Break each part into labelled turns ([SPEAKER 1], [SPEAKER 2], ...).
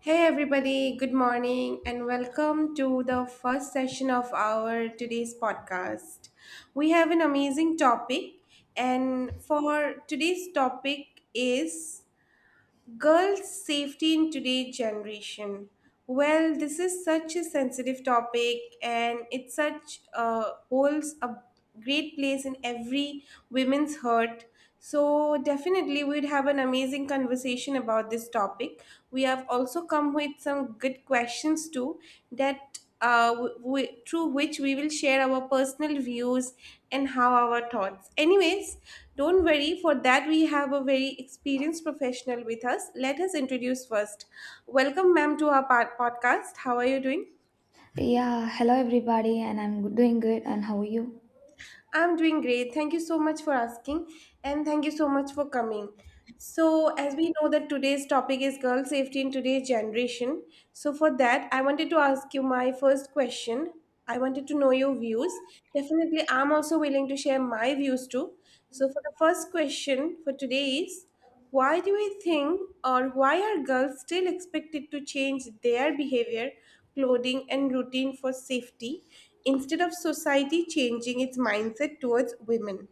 [SPEAKER 1] Hey everybody, good morning and welcome to the first session of our today's podcast. We have an amazing topic and for today's topic is girls' safety in today's generation. Well, this is such a sensitive topic, and it such holds a great place in every woman's heart. So definitely, we'd have an amazing conversation about this topic. We have also come with some good questions too that through which we will share our personal views and how our thoughts. Anyways, don't worry, for that we have a very experienced professional with us. Let us introduce first. Welcome, ma'am, to our podcast. How are you doing?
[SPEAKER 2] Yeah, hello everybody, and I'm doing good. And how are you?
[SPEAKER 1] I'm doing great. Thank you so much for asking and thank you so much for coming. So, as we know that today's topic is girl safety in today's generation. So, for that, I wanted to ask you my first question. I wanted to know your views. Definitely, I'm also willing to share my views too. So, for the first question for today is why do we think or why are girls still expected to change their behavior, clothing, and routine for safety instead of society changing its mindset towards women?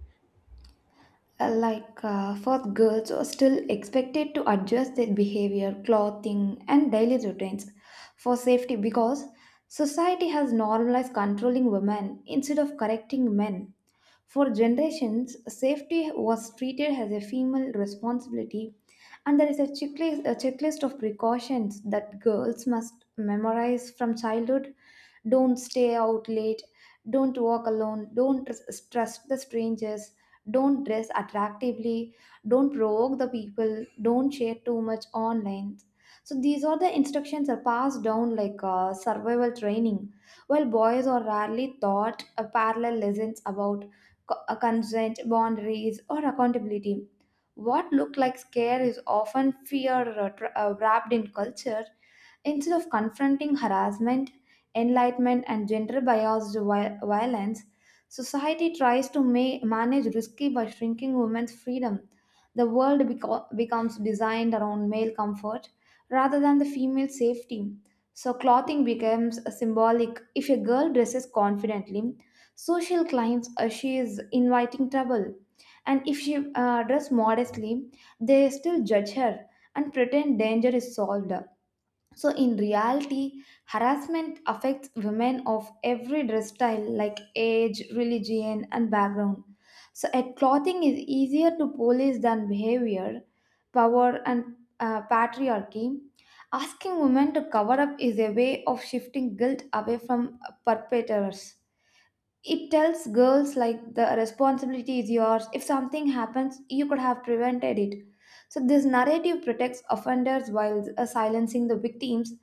[SPEAKER 2] First, girls are still expected to adjust their behavior, clothing, and daily routines for safety because society has normalized controlling women instead of correcting men. For generations, safety was treated as a female responsibility, and there is a checklist of precautions that girls must memorize from childhood. Don't stay out late, don't walk alone, don't trust the strangers, don't dress attractively, don't provoke the people, don't share too much online. So, these are the instructions are passed down like survival training, while boys are rarely taught parallel lessons about consent, boundaries, or accountability. What looked like scare is often fear wrapped in culture. Instead of confronting harassment, enlightenment, and gender biased violence, society tries to manage risky by shrinking women's freedom. The world becomes designed around male comfort rather than the female safety. So, clothing becomes symbolic. If a girl dresses confidently, so she'll claims she is inviting trouble, and if she dress modestly, they still judge her and pretend danger is solved. So in reality, harassment affects women of every dress style, like age, religion, and background. So at clothing is easier to police than behavior, power, and patriarchy. Asking women to cover up is a way of shifting guilt away from perpetrators. It tells girls like the responsibility is yours. If something happens, you could have prevented it. So this narrative protects offenders while silencing the victims.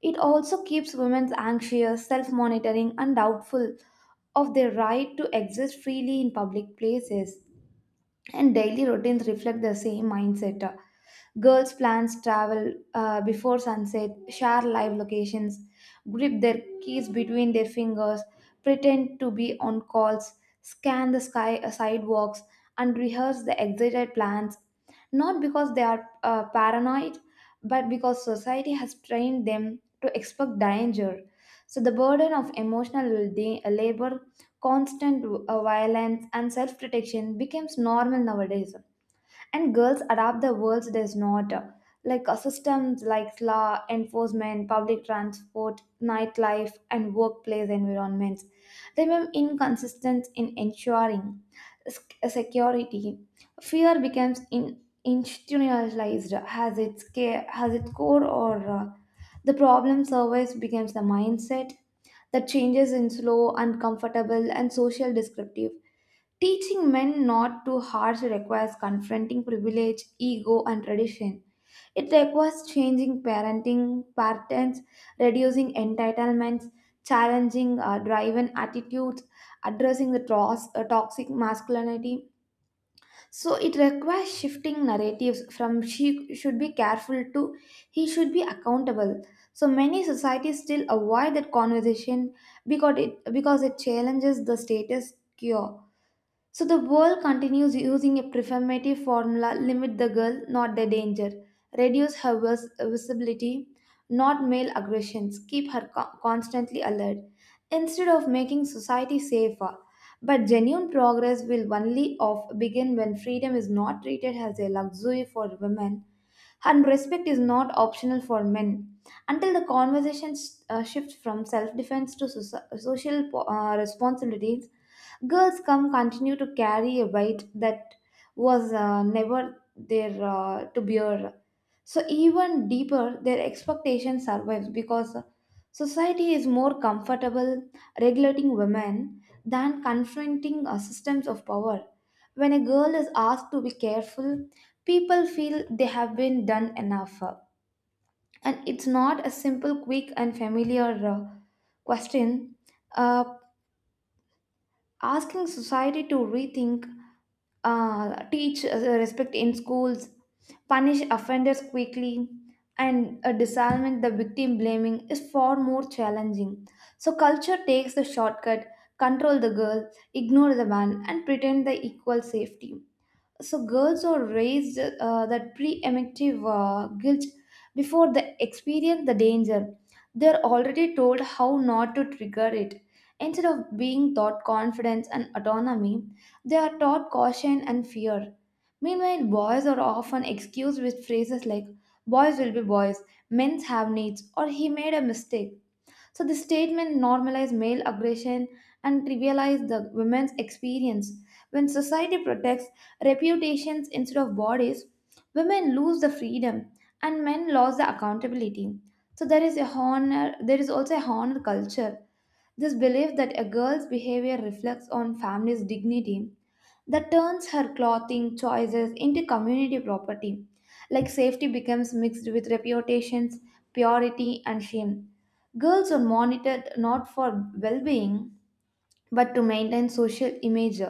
[SPEAKER 2] It also keeps women anxious, self-monitoring, and doubtful of their right to exist freely in public places. And daily routines reflect the same mindset. Girls plans travel before sunset, share live locations, grip their keys between their fingers, pretend to be on calls, scan the sky, sidewalks, and rehearse the excited plans. Not because they are paranoid, but because society has trained them to expect danger. So the burden of emotional labor, constant violence, and self-protection becomes normal nowadays, and girls adapt. The world does not. Systems like law enforcement, public transport, nightlife, and workplace environments remain inconsistent in ensuring security. Fear becomes institutionalized as its care has its core, or the problem surveys becomes the mindset that changes in slow, uncomfortable, and social descriptive. Teaching men not to harsh requires confronting privilege, ego, and tradition. It requires changing parenting patterns, reducing entitlements, challenging driven attitudes, addressing the toxic masculinity. So it requires shifting narratives from she should be careful to he should be accountable. So many societies still avoid that conversation because it challenges the status quo. So the world continues using a performative formula: limit the girl, not the danger, reduce her visibility, not male aggressions, keep her constantly alert, instead of making society safer. But genuine progress will only of begin when freedom is not treated as a luxury for women and respect is not optional for men. Until the conversation shifts from self defense to social responsibilities, girls come continue to carry a weight that was never there to bear. So even deeper, their expectation survives because society is more comfortable regulating women than confronting systems of power. When a girl is asked to be careful, people feel they have been done enough. And it's not a simple, quick, and familiar question. Uh, Asking society to rethink teach respect in schools, punish offenders quickly, and disarmament the victim blaming is far more challenging. So culture takes the shortcut: control the girl, ignore the man, and pretend the equal safety. So girls are raised that pre-emptive guilt. Before they experience the danger, they're already told how not to trigger it. Instead of being taught confidence and autonomy, they are taught caution and fear. Meanwhile, boys are often excused with phrases like boys will be boys, men have needs, or he made a mistake. So this statement normalized male aggression and trivialized the women's experience. When society protects reputations instead of bodies, women lose the freedom and men lose the accountability. So there is a honor, there is also a honor culture. This belief that a girl's behavior reflects on family's dignity, that turns her clothing choices into community property. Like safety becomes mixed with reputations, purity, and shame. Girls are monitored not for well being but to maintain social image.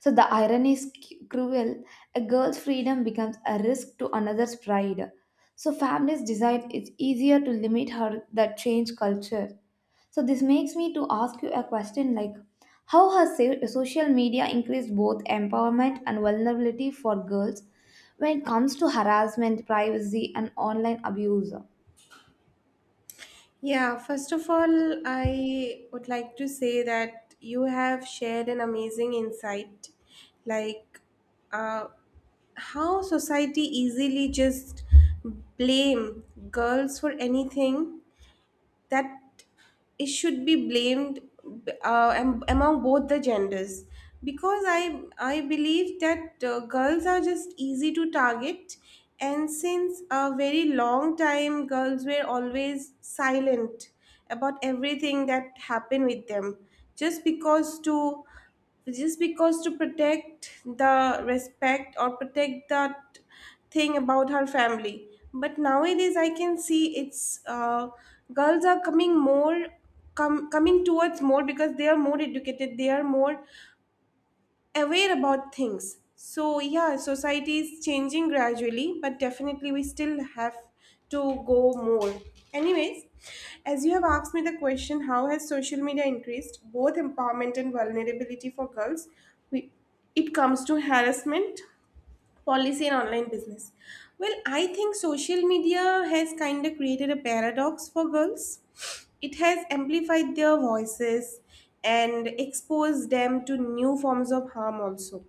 [SPEAKER 2] So the irony is cruel. A girl's freedom becomes a risk to another's pride. So families decide it's easier to limit her than change culture. So this makes me to ask you a question like how has social media increased both empowerment and vulnerability for girls when it comes to harassment, privacy, and online abuse?
[SPEAKER 1] Yeah, first of all, I would like to say that you have shared an amazing insight. Like, uh, how society easily just blame girls for anything that it should be blamed among both the genders because I believe that girls are just easy to target, and since a very long time girls were always silent about everything that happened with them, just because to just because to protect the respect or protect that thing about her family. But nowadays I can see it's girls are coming more, coming towards more, because they are more educated, they are more aware about things. So yeah, society is changing gradually, but definitely we still have to go more. Anyways, as you have asked me the question, how has social media increased both empowerment and vulnerability for girls? We, it comes to harassment policy in online business. Well, I think social media has kind of created a paradox for girls. It has amplified their voices and exposed them to new forms of harm also.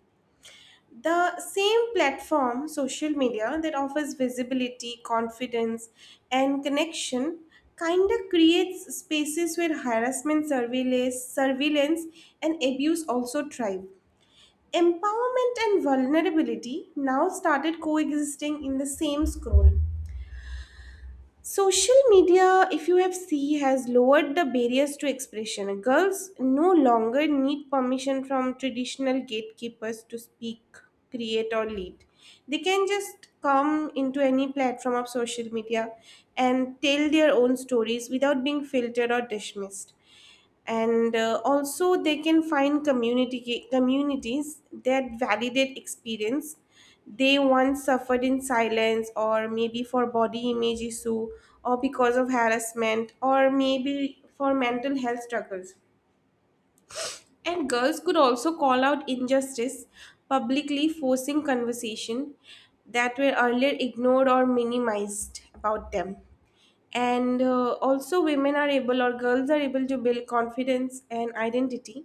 [SPEAKER 1] The same platform, social media, that offers visibility, confidence, and connection kind of creates spaces where harassment, surveillance, and abuse also thrive. Empowerment and vulnerability now started coexisting in the same scroll. Social media, if you have seen, has lowered the barriers to expression. Girls no longer need permission from traditional gatekeepers to speak, create, or lead. They can just come into any platform of social media and tell their own stories without being filtered or dismissed, and also they can find community communities that validate experience they once suffered in silence, or maybe for body image issue, or because of harassment, or maybe for mental health struggles. And girls could also call out injustice publicly, forcing conversation that were earlier ignored or minimized about them. And also, women are able or girls are able to build confidence and identity,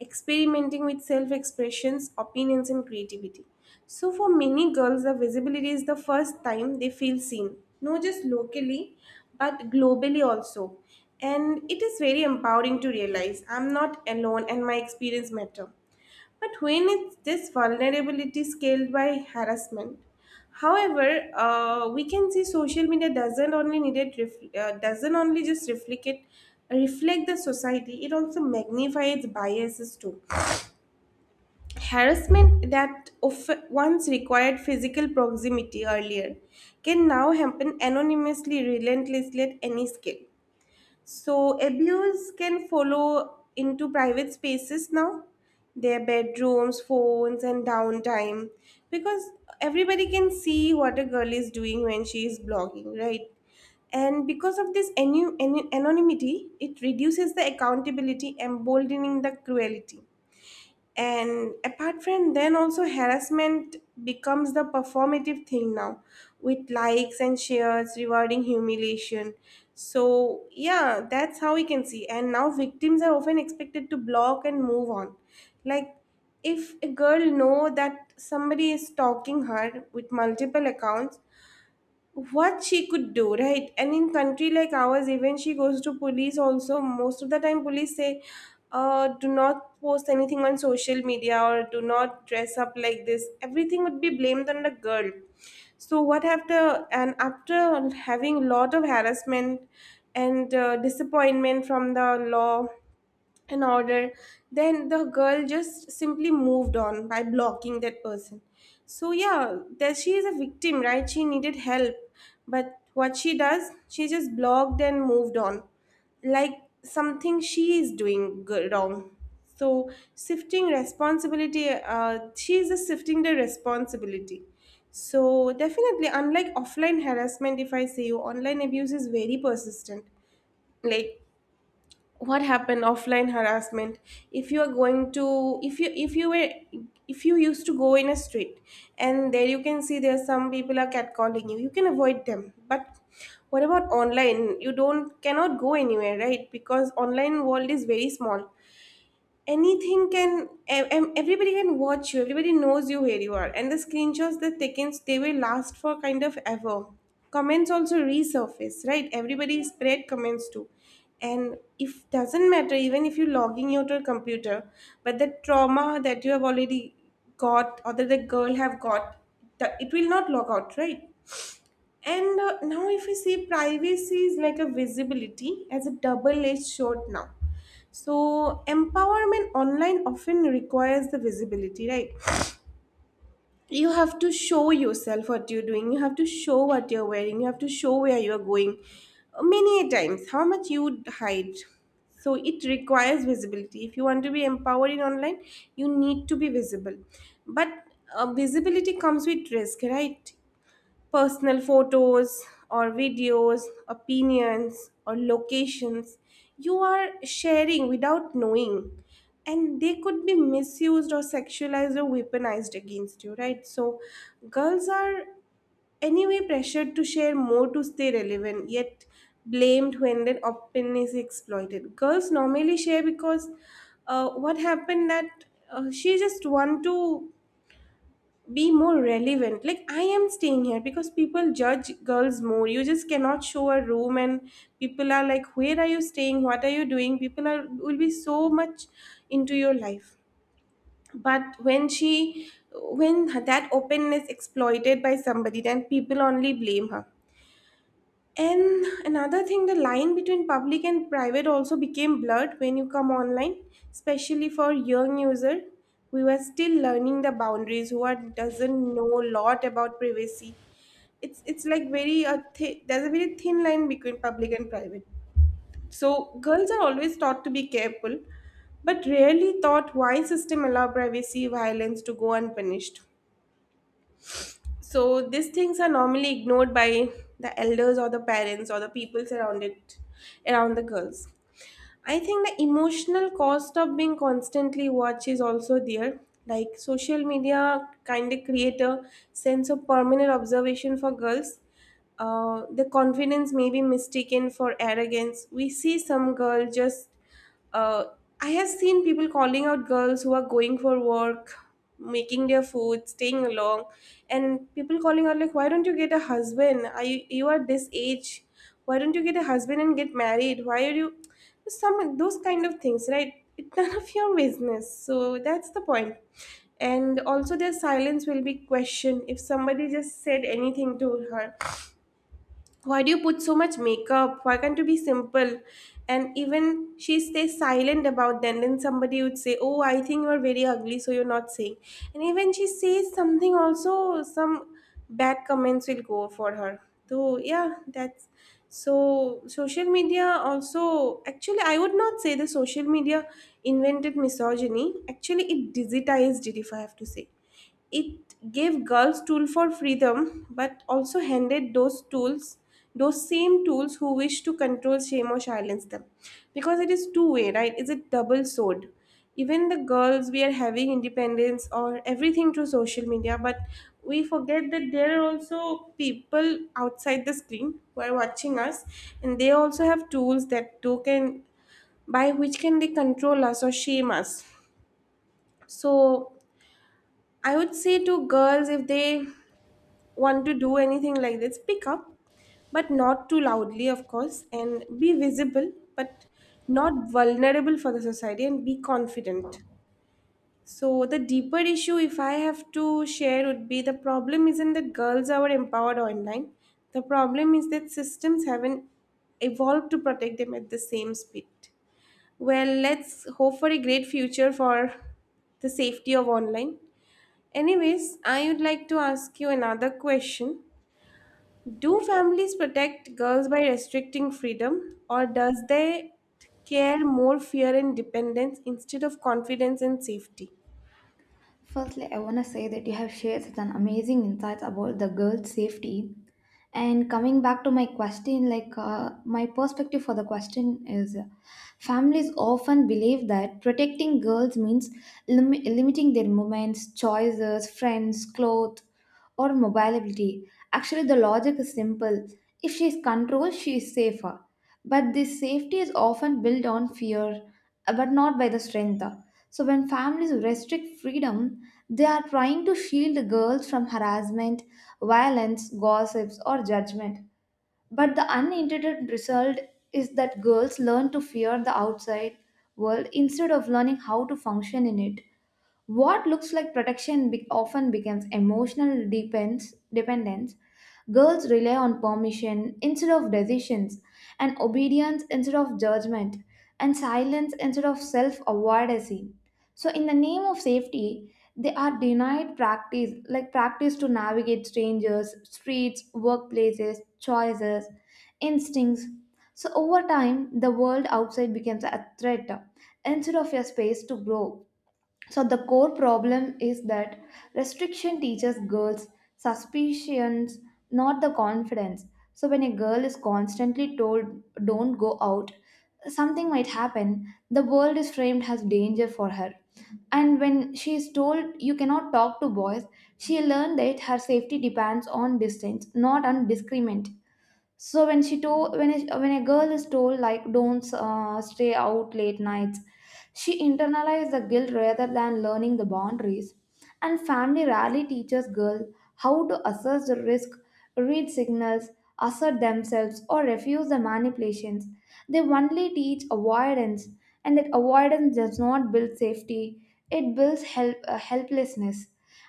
[SPEAKER 1] experimenting with self expressions, opinions, and creativity. So, for many girls, the visibility is the first time they feel seen, not just locally, but globally also, and it is very empowering to realize I'm not alone and my experience matter. But when it's this vulnerability scaled by harassment, however, we can see social media doesn't only need it ref- doesn't only just reflect it, reflect the society. It also magnifies biases too. Harassment that of once required physical proximity earlier can now happen anonymously, relentlessly at any scale. So abuse can follow into private spaces now, their bedrooms, phones, and downtime, because everybody can see what a girl is doing when she is blogging, right? And because of this anonymity, it reduces the accountability, emboldening the cruelty. And apart from then also harassment becomes the performative thing now, with likes and shares rewarding humiliation. So yeah, that's how we can see, and now victims are often expected to block and move on. Like, if a girl know that somebody is stalking her with multiple accounts, what she could do, right? And in country like ours, even she goes to police also, most of the time police say do not post anything on social media, or do not dress up like this. Everything would be blamed on the girl. So what, after and after having lot of harassment and disappointment from the law an order, then the girl just simply moved on by blocking that person. So yeah, that she is a victim, right? She needed help. But what she does, she just blocked and moved on. Like, something she is doing wrong. So shifting responsibility, she is just shifting the responsibility. So definitely, unlike offline harassment, if I say you, online abuse is very persistent. Like, what happened offline harassment, if you are going to, if you were, if you used to go in a street, and there you can see there are some people are catcalling you, you can avoid them. But what about online? You don't cannot go anywhere, right? Because online world is very small, anything can everybody can watch you, everybody knows you where you are, and the screenshots that taken, they will last for kind of ever. Comments also resurface, right? Everybody spread comments too. And if doesn't matter even if you're logging out your computer, but the trauma that you have already got, or that the girl have got, it will not log out, right? And now, if you see, privacy is like a visibility as a double edged sword now. So, empowerment online often requires the visibility, right? You have to show yourself what you're doing, you have to show what you're wearing, you have to show where you're going. Many a times, how much you hide. So, it requires visibility. If you want to be empowered in online, you need to be visible. But visibility comes with risk, right? Personal photos or videos, opinions or locations you are sharing without knowing. And they could be misused or sexualized or weaponized against you, right? So, girls are anyway pressured to share more to stay relevant, yet blamed when their openness is exploited. Girls normally share because what happened that she just want to be more relevant. Like, I am staying here because people judge girls more. You just cannot show a room and people are like, where are you staying, what are you doing. People are will be so much into your life. But when she, when that openness exploited by somebody, then people only blame her. And another thing, the line between public and private also became blurred when you come online, especially for young user. We were still learning the boundaries. Who are, doesn't know a lot about privacy. It's like very a there's a very thin line between public and private. So girls are always taught to be careful, but rarely taught why system allow privacy violence to go unpunished. So these things are normally ignored by the elders or the parents or the people surrounded around the girls. I think the emotional cost of being constantly watched is also there. Like, social media kind of create a sense of permanent observation for girls. The confidence may be mistaken for arrogance. We see some girl just uh, I have seen people calling out girls who are going for work, making their food, staying along, and people calling out like, "Why don't you get a husband? Are you you are this age? Why don't you get a husband and get married? Why are you?" Some those kind of things, right? It's none of your business. So that's the point. And also, their silence will be questioned if somebody just said anything to her. Why do you put so much makeup? Why can't you be simple? And even she stays silent about them. Then somebody would say, "Oh, I think you're very ugly, so you're not saying." And even she says something, also some bad comments will go for her. So, yeah, that's, so social media also, actually I would not say the social media invented misogyny. Actually, it digitized it, if I have to say. It gave girls tools for freedom, but also handed those tools, those same tools who wish to control, shame, or silence them. Because it is two-way, right? It's a double sword. Even the girls, we are having independence or everything through social media, but we forget that there are also people outside the screen who are watching us, and they also have tools that do can by which can they control us or shame us. So I would say to girls, if they want to do anything like this, pick up, but not too loudly, of course, and be visible, but not vulnerable for the society, and be confident. So, the deeper issue, if I have to share, would be the problem isn't that girls are empowered online. The problem is that systems haven't evolved to protect them at the same speed. Well, let's hope for a great future for the safety of online. Anyways, I would like to ask you another question. Do families protect girls by restricting freedom, or does they care more fear and dependence instead of confidence and safety?
[SPEAKER 2] Firstly, I want to say that you have shared such an amazing insights about the girls' safety. And coming back to my question, my perspective for the question is families often believe that protecting girls means limiting their movements, choices, friends, clothes, or mobility. Actually, the logic is simple. If she is controlled, she is safer. But this safety is often built on fear, but not by the strength. So, when families restrict freedom, they are trying to shield girls from harassment, violence, gossips, or judgment. But the unintended result is that girls learn to fear the outside world instead of learning how to function in it. What looks like protection often becomes emotional dependence. Girls rely on permission instead of decisions, and obedience instead of judgment, and silence instead of self advocacy. So, in the name of safety, they are denied practice, like practice to navigate strangers, streets, workplaces, choices, instincts. So, over time, the world outside becomes a threat instead of a space to grow. So the core problem is that restriction teaches girls suspicions, not the confidence. So when a girl is constantly told don't go out, something might happen, the world is framed as danger for her. And when she is told you cannot talk to boys, she learned that her safety depends on distance, not on discriminant. So when she told, when a girl is told like don't stay out late nights, she internalized the guilt rather than learning the boundaries. And family rarely teaches girls how to assess the risk, read signals, assert themselves, or refuse the manipulations. They only teach avoidance, and that avoidance does not build safety, it builds helplessness.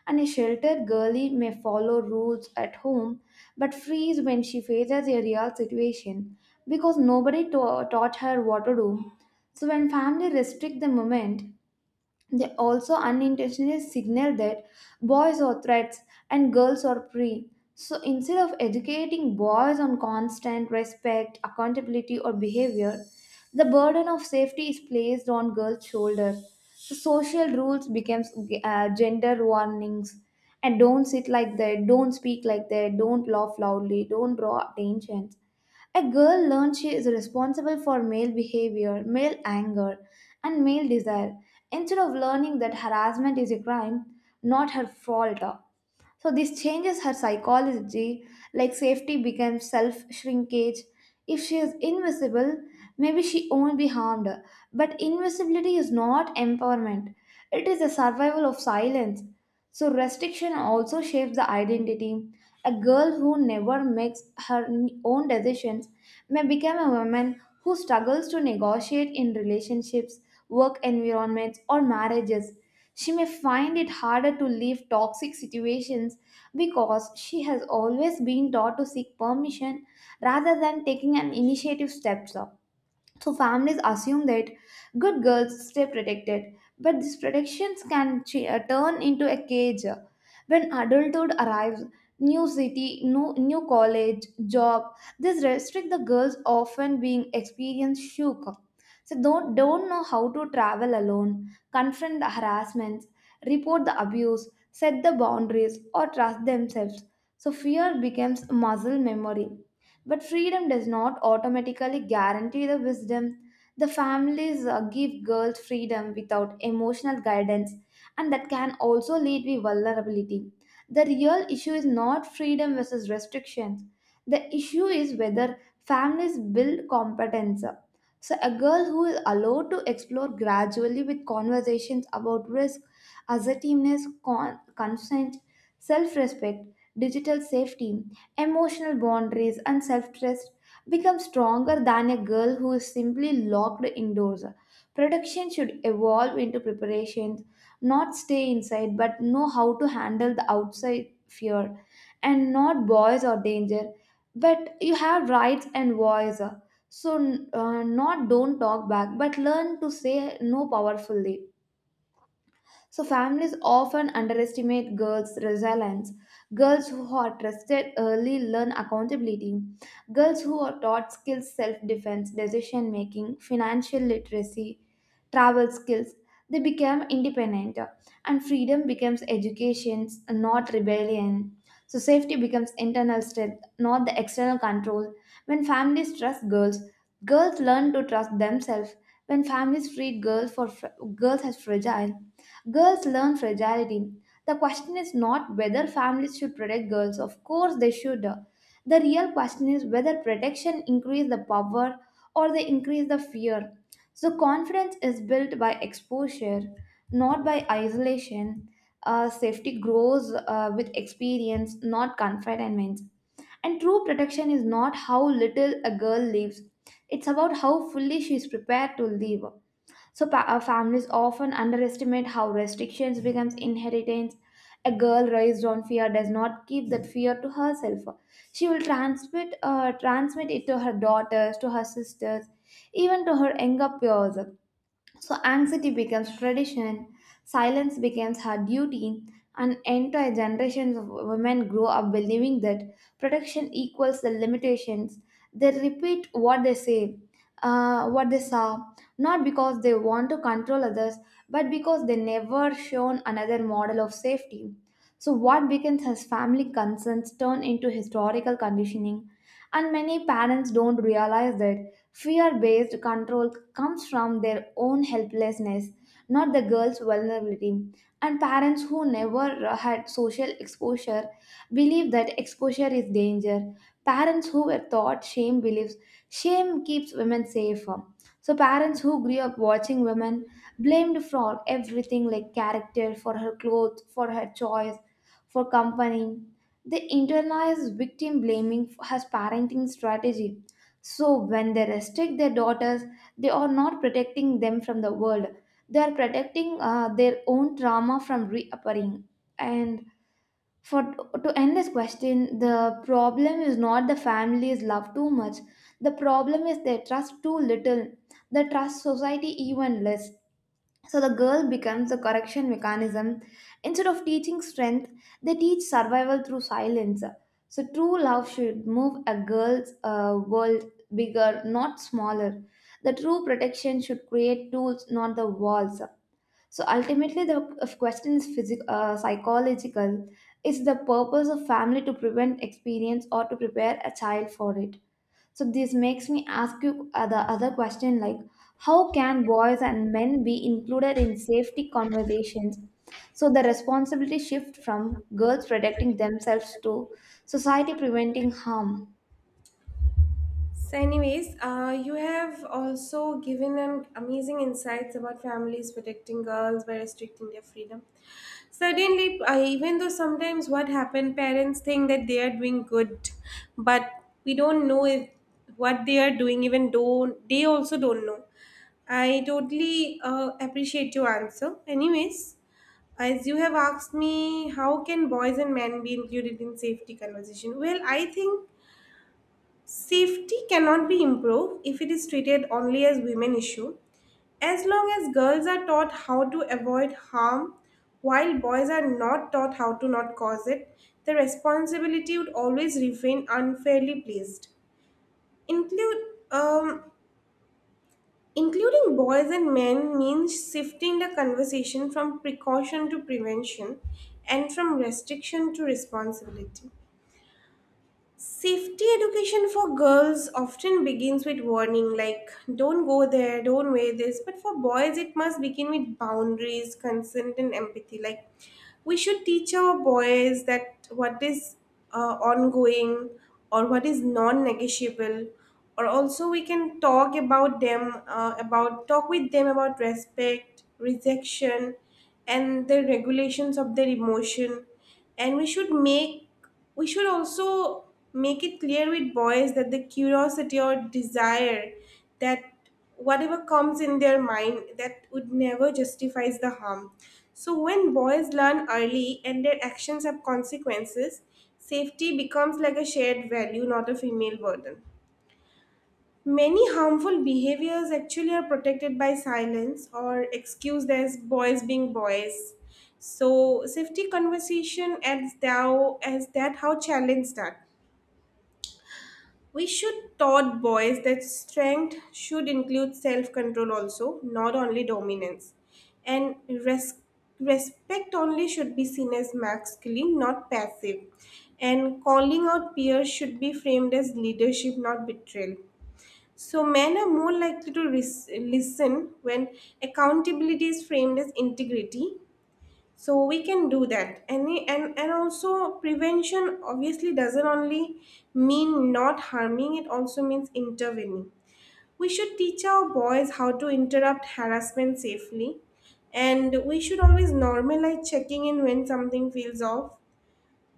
[SPEAKER 2] And a sheltered girlie may follow rules at home but freeze when she faces a real situation because nobody taught her what to do. So, when family restrict the moment, they also unintentionally signal that boys are threats and girls are prey. So instead of educating boys on constant respect, accountability, or behavior, the burden of safety is placed on girls' shoulders. So social rules becomes gender warnings, and don't sit like that, don't speak like that, don't laugh loudly, don't draw attention. A girl learns she is responsible for male behavior, male anger, and male desire instead of learning that harassment is a crime, not her fault. So this changes her psychology, like safety becomes self shrinkage. If she is invisible, maybe she won't be harmed. But invisibility is not empowerment, it is the survival of silence. So restriction also shapes the identity. A girl who never makes her own decisions may become a woman who struggles to negotiate in relationships, work environments, or marriages. She may find it harder to leave toxic situations because she has always been taught to seek permission rather than taking an initiative steps up. So families assume that good girls stay protected, but these protections can turn into a cage. When adulthood arrives, new city, new college, job, this restrict the girls often being experience shook. So don't know how to travel alone, confront the harassments, report the abuse, set the boundaries, or trust themselves. So fear becomes muscle memory, but freedom does not automatically guarantee the wisdom. The families give girls freedom without emotional guidance, and that can also lead to vulnerability. The real issue is not freedom versus restrictions. The issue is whether families build competence. So, a girl who is allowed to explore gradually with conversations about risk, assertiveness, consent, self respect, digital safety, emotional boundaries, and self trust become stronger than a girl who is simply locked indoors. Protection should evolve into preparations, not stay inside, but know how to handle the outside fear and not boys or danger. But you have rights and voice. So, not don't talk back, but learn to say no powerfully. So families often underestimate girls' resilience. Girls who are trusted early learn accountability. Girls who are taught skills, self-defense, decision making, financial literacy, travel skills, they become independent, and freedom becomes education, not rebellion. So safety becomes internal strength, not the external control. When families trust girls, girls learn to trust themselves. When families treat girls for girls as fragile, girls learn fragility. The question is not whether families should protect girls. Of course, they should. The real question is whether protection increase the power or they increase the fear. So confidence is built by exposure, not by isolation. Safety grows with experience, not confinement. And true protection is not how little a girl lives, it's about how fully she is prepared to live. So families often underestimate how restrictions becomes inheritance. A girl raised on fear does not keep that fear to herself. She will transmit it to her daughters, to her sisters, even to her younger peers. So anxiety becomes tradition, silence becomes her duty, and entire generations of women grow up believing that protection equals the limitations. They repeat what they what they saw, not because they want to control others, but because they never shown another model of safety. So what begins as family concerns turn into historical conditioning, and many parents don't realize that fear based control comes from their own helplessness, not the girl's vulnerability. And parents who never had social exposure believe that exposure is danger. Parents who were taught shame believes shame keeps women safer. So, parents who grew up watching women blamed for everything like character, for her clothes, for her choice, for company, they internalize victim blaming as parenting strategy. So when they restrict their daughters, they are not protecting them from the world. They are protecting their own trauma from reappearing. And for to end this question, the problem is not the families love too much. The problem is they trust too little. They trust society even less. So the girl becomes a correction mechanism. Instead of teaching strength, they teach survival through silence. So true love should move a girl's world bigger, not smaller. The true protection should create tools, not the walls. So ultimately, the question is psychological. Is the purpose of family to prevent experience or to prepare a child for it? So this makes me ask you the other question like how can boys and men be included in safety conversations? So the responsibility shift from girls protecting themselves to society preventing harm.
[SPEAKER 1] So, anyways, you have also given an amazing insights about families protecting girls by restricting their freedom. Certainly, even though sometimes what happened, parents think that they are doing good, but we don't know if what they are doing, even though they also don't know. I totally appreciate your answer. Anyways, as you have asked me, how can boys and men be included in safety conversation? Well, I think safety cannot be improved if it is treated only as women issue. As long as girls are taught how to avoid harm while boys are not taught how to not cause it, the responsibility would always remain unfairly placed. Include um, including boys and men means shifting the conversation from precaution to prevention, and from restriction to responsibility. Safety education for girls often begins with warning like don't go there, don't wear this. But for boys, it must begin with boundaries, consent, and empathy. Like, we should teach our boys that what is ongoing or what is non negotiable, or also we can talk about them, about talk with them about respect, rejection, and the regulations of their emotion. And we should also make it clear with boys that the curiosity or desire, that whatever comes in their mind, that would never justifies the harm. So when boys learn early and their actions have consequences, safety becomes like a shared value, not a female burden. Many harmful behaviors actually are protected by silence or excused as boys being boys. So safety conversation as thou as that how challenge that. We should taught boys that strength should include self-control also, not only dominance. And respect only should be seen as masculine, not passive. And calling out peers should be framed as leadership, not betrayal. So, men are more likely to listen when accountability is framed as integrity. So, we can do that. And also, prevention obviously doesn't only mean not harming, it also means intervening. We should teach our boys how to interrupt harassment safely. And we should always normalize checking in when something feels off.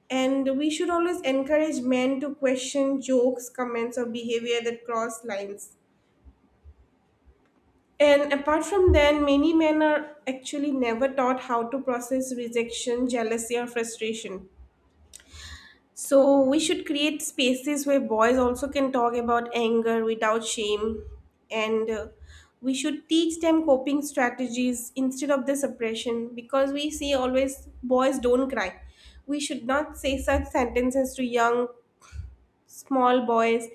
[SPEAKER 1] And we should always encourage men to question jokes, comments, or behavior that cross lines. And apart from that, many men are actually never taught how to process rejection, jealousy, or frustration. So we should create spaces where boys also can talk about anger without shame, and we should teach them coping strategies instead of the suppression. Because we see always boys don't cry. We should not say such sentences to young small boys.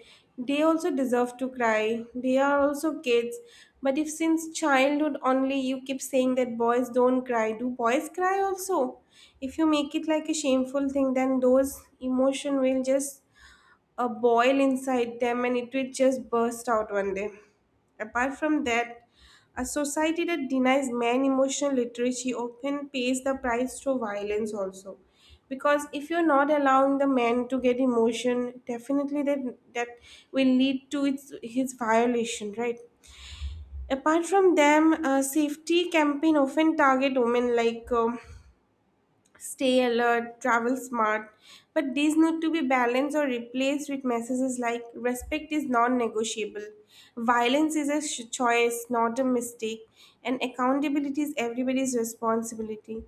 [SPEAKER 1] They also deserve to cry, they are also kids. But if since childhood only you keep saying that boys don't cry, do boys cry also? If you make it like a shameful thing, then those emotion will just a boil inside them, and it will just burst out one day. Apart from that, a society that denies men emotional literacy often pays the price through violence also. Because if you're not allowing the man to get emotion, definitely that will lead to its, his violation, right? Apart from them, safety campaign often target women like stay alert, travel smart, but these need to be balanced or replaced with messages like respect is non negotiable, violence is a choice, not a mistake, and accountability is everybody's responsibility.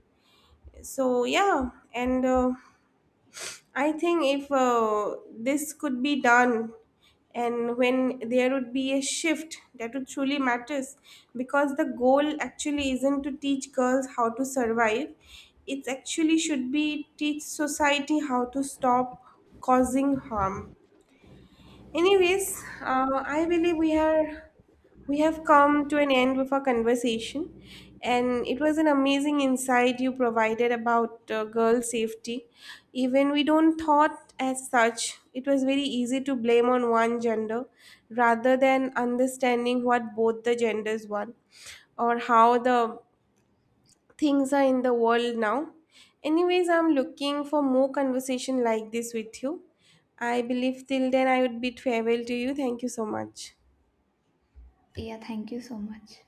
[SPEAKER 1] So, yeah, and I think if this could be done, and when there would be a shift that would truly matters, because the goal actually isn't to teach girls how to survive, it actually should be teach society how to stop causing harm. Anyways, I believe we have come to an end with our conversation, and it was an amazing insight you provided about girl safety. Even we don't thought as such, it was very easy to blame on one gender rather than understanding what both the genders want or how the things are in the world now. Anyways, I'm looking for more conversation like this with you. I believe till then I would be farewell to you. Thank you so much.
[SPEAKER 2] Yeah, thank you so much.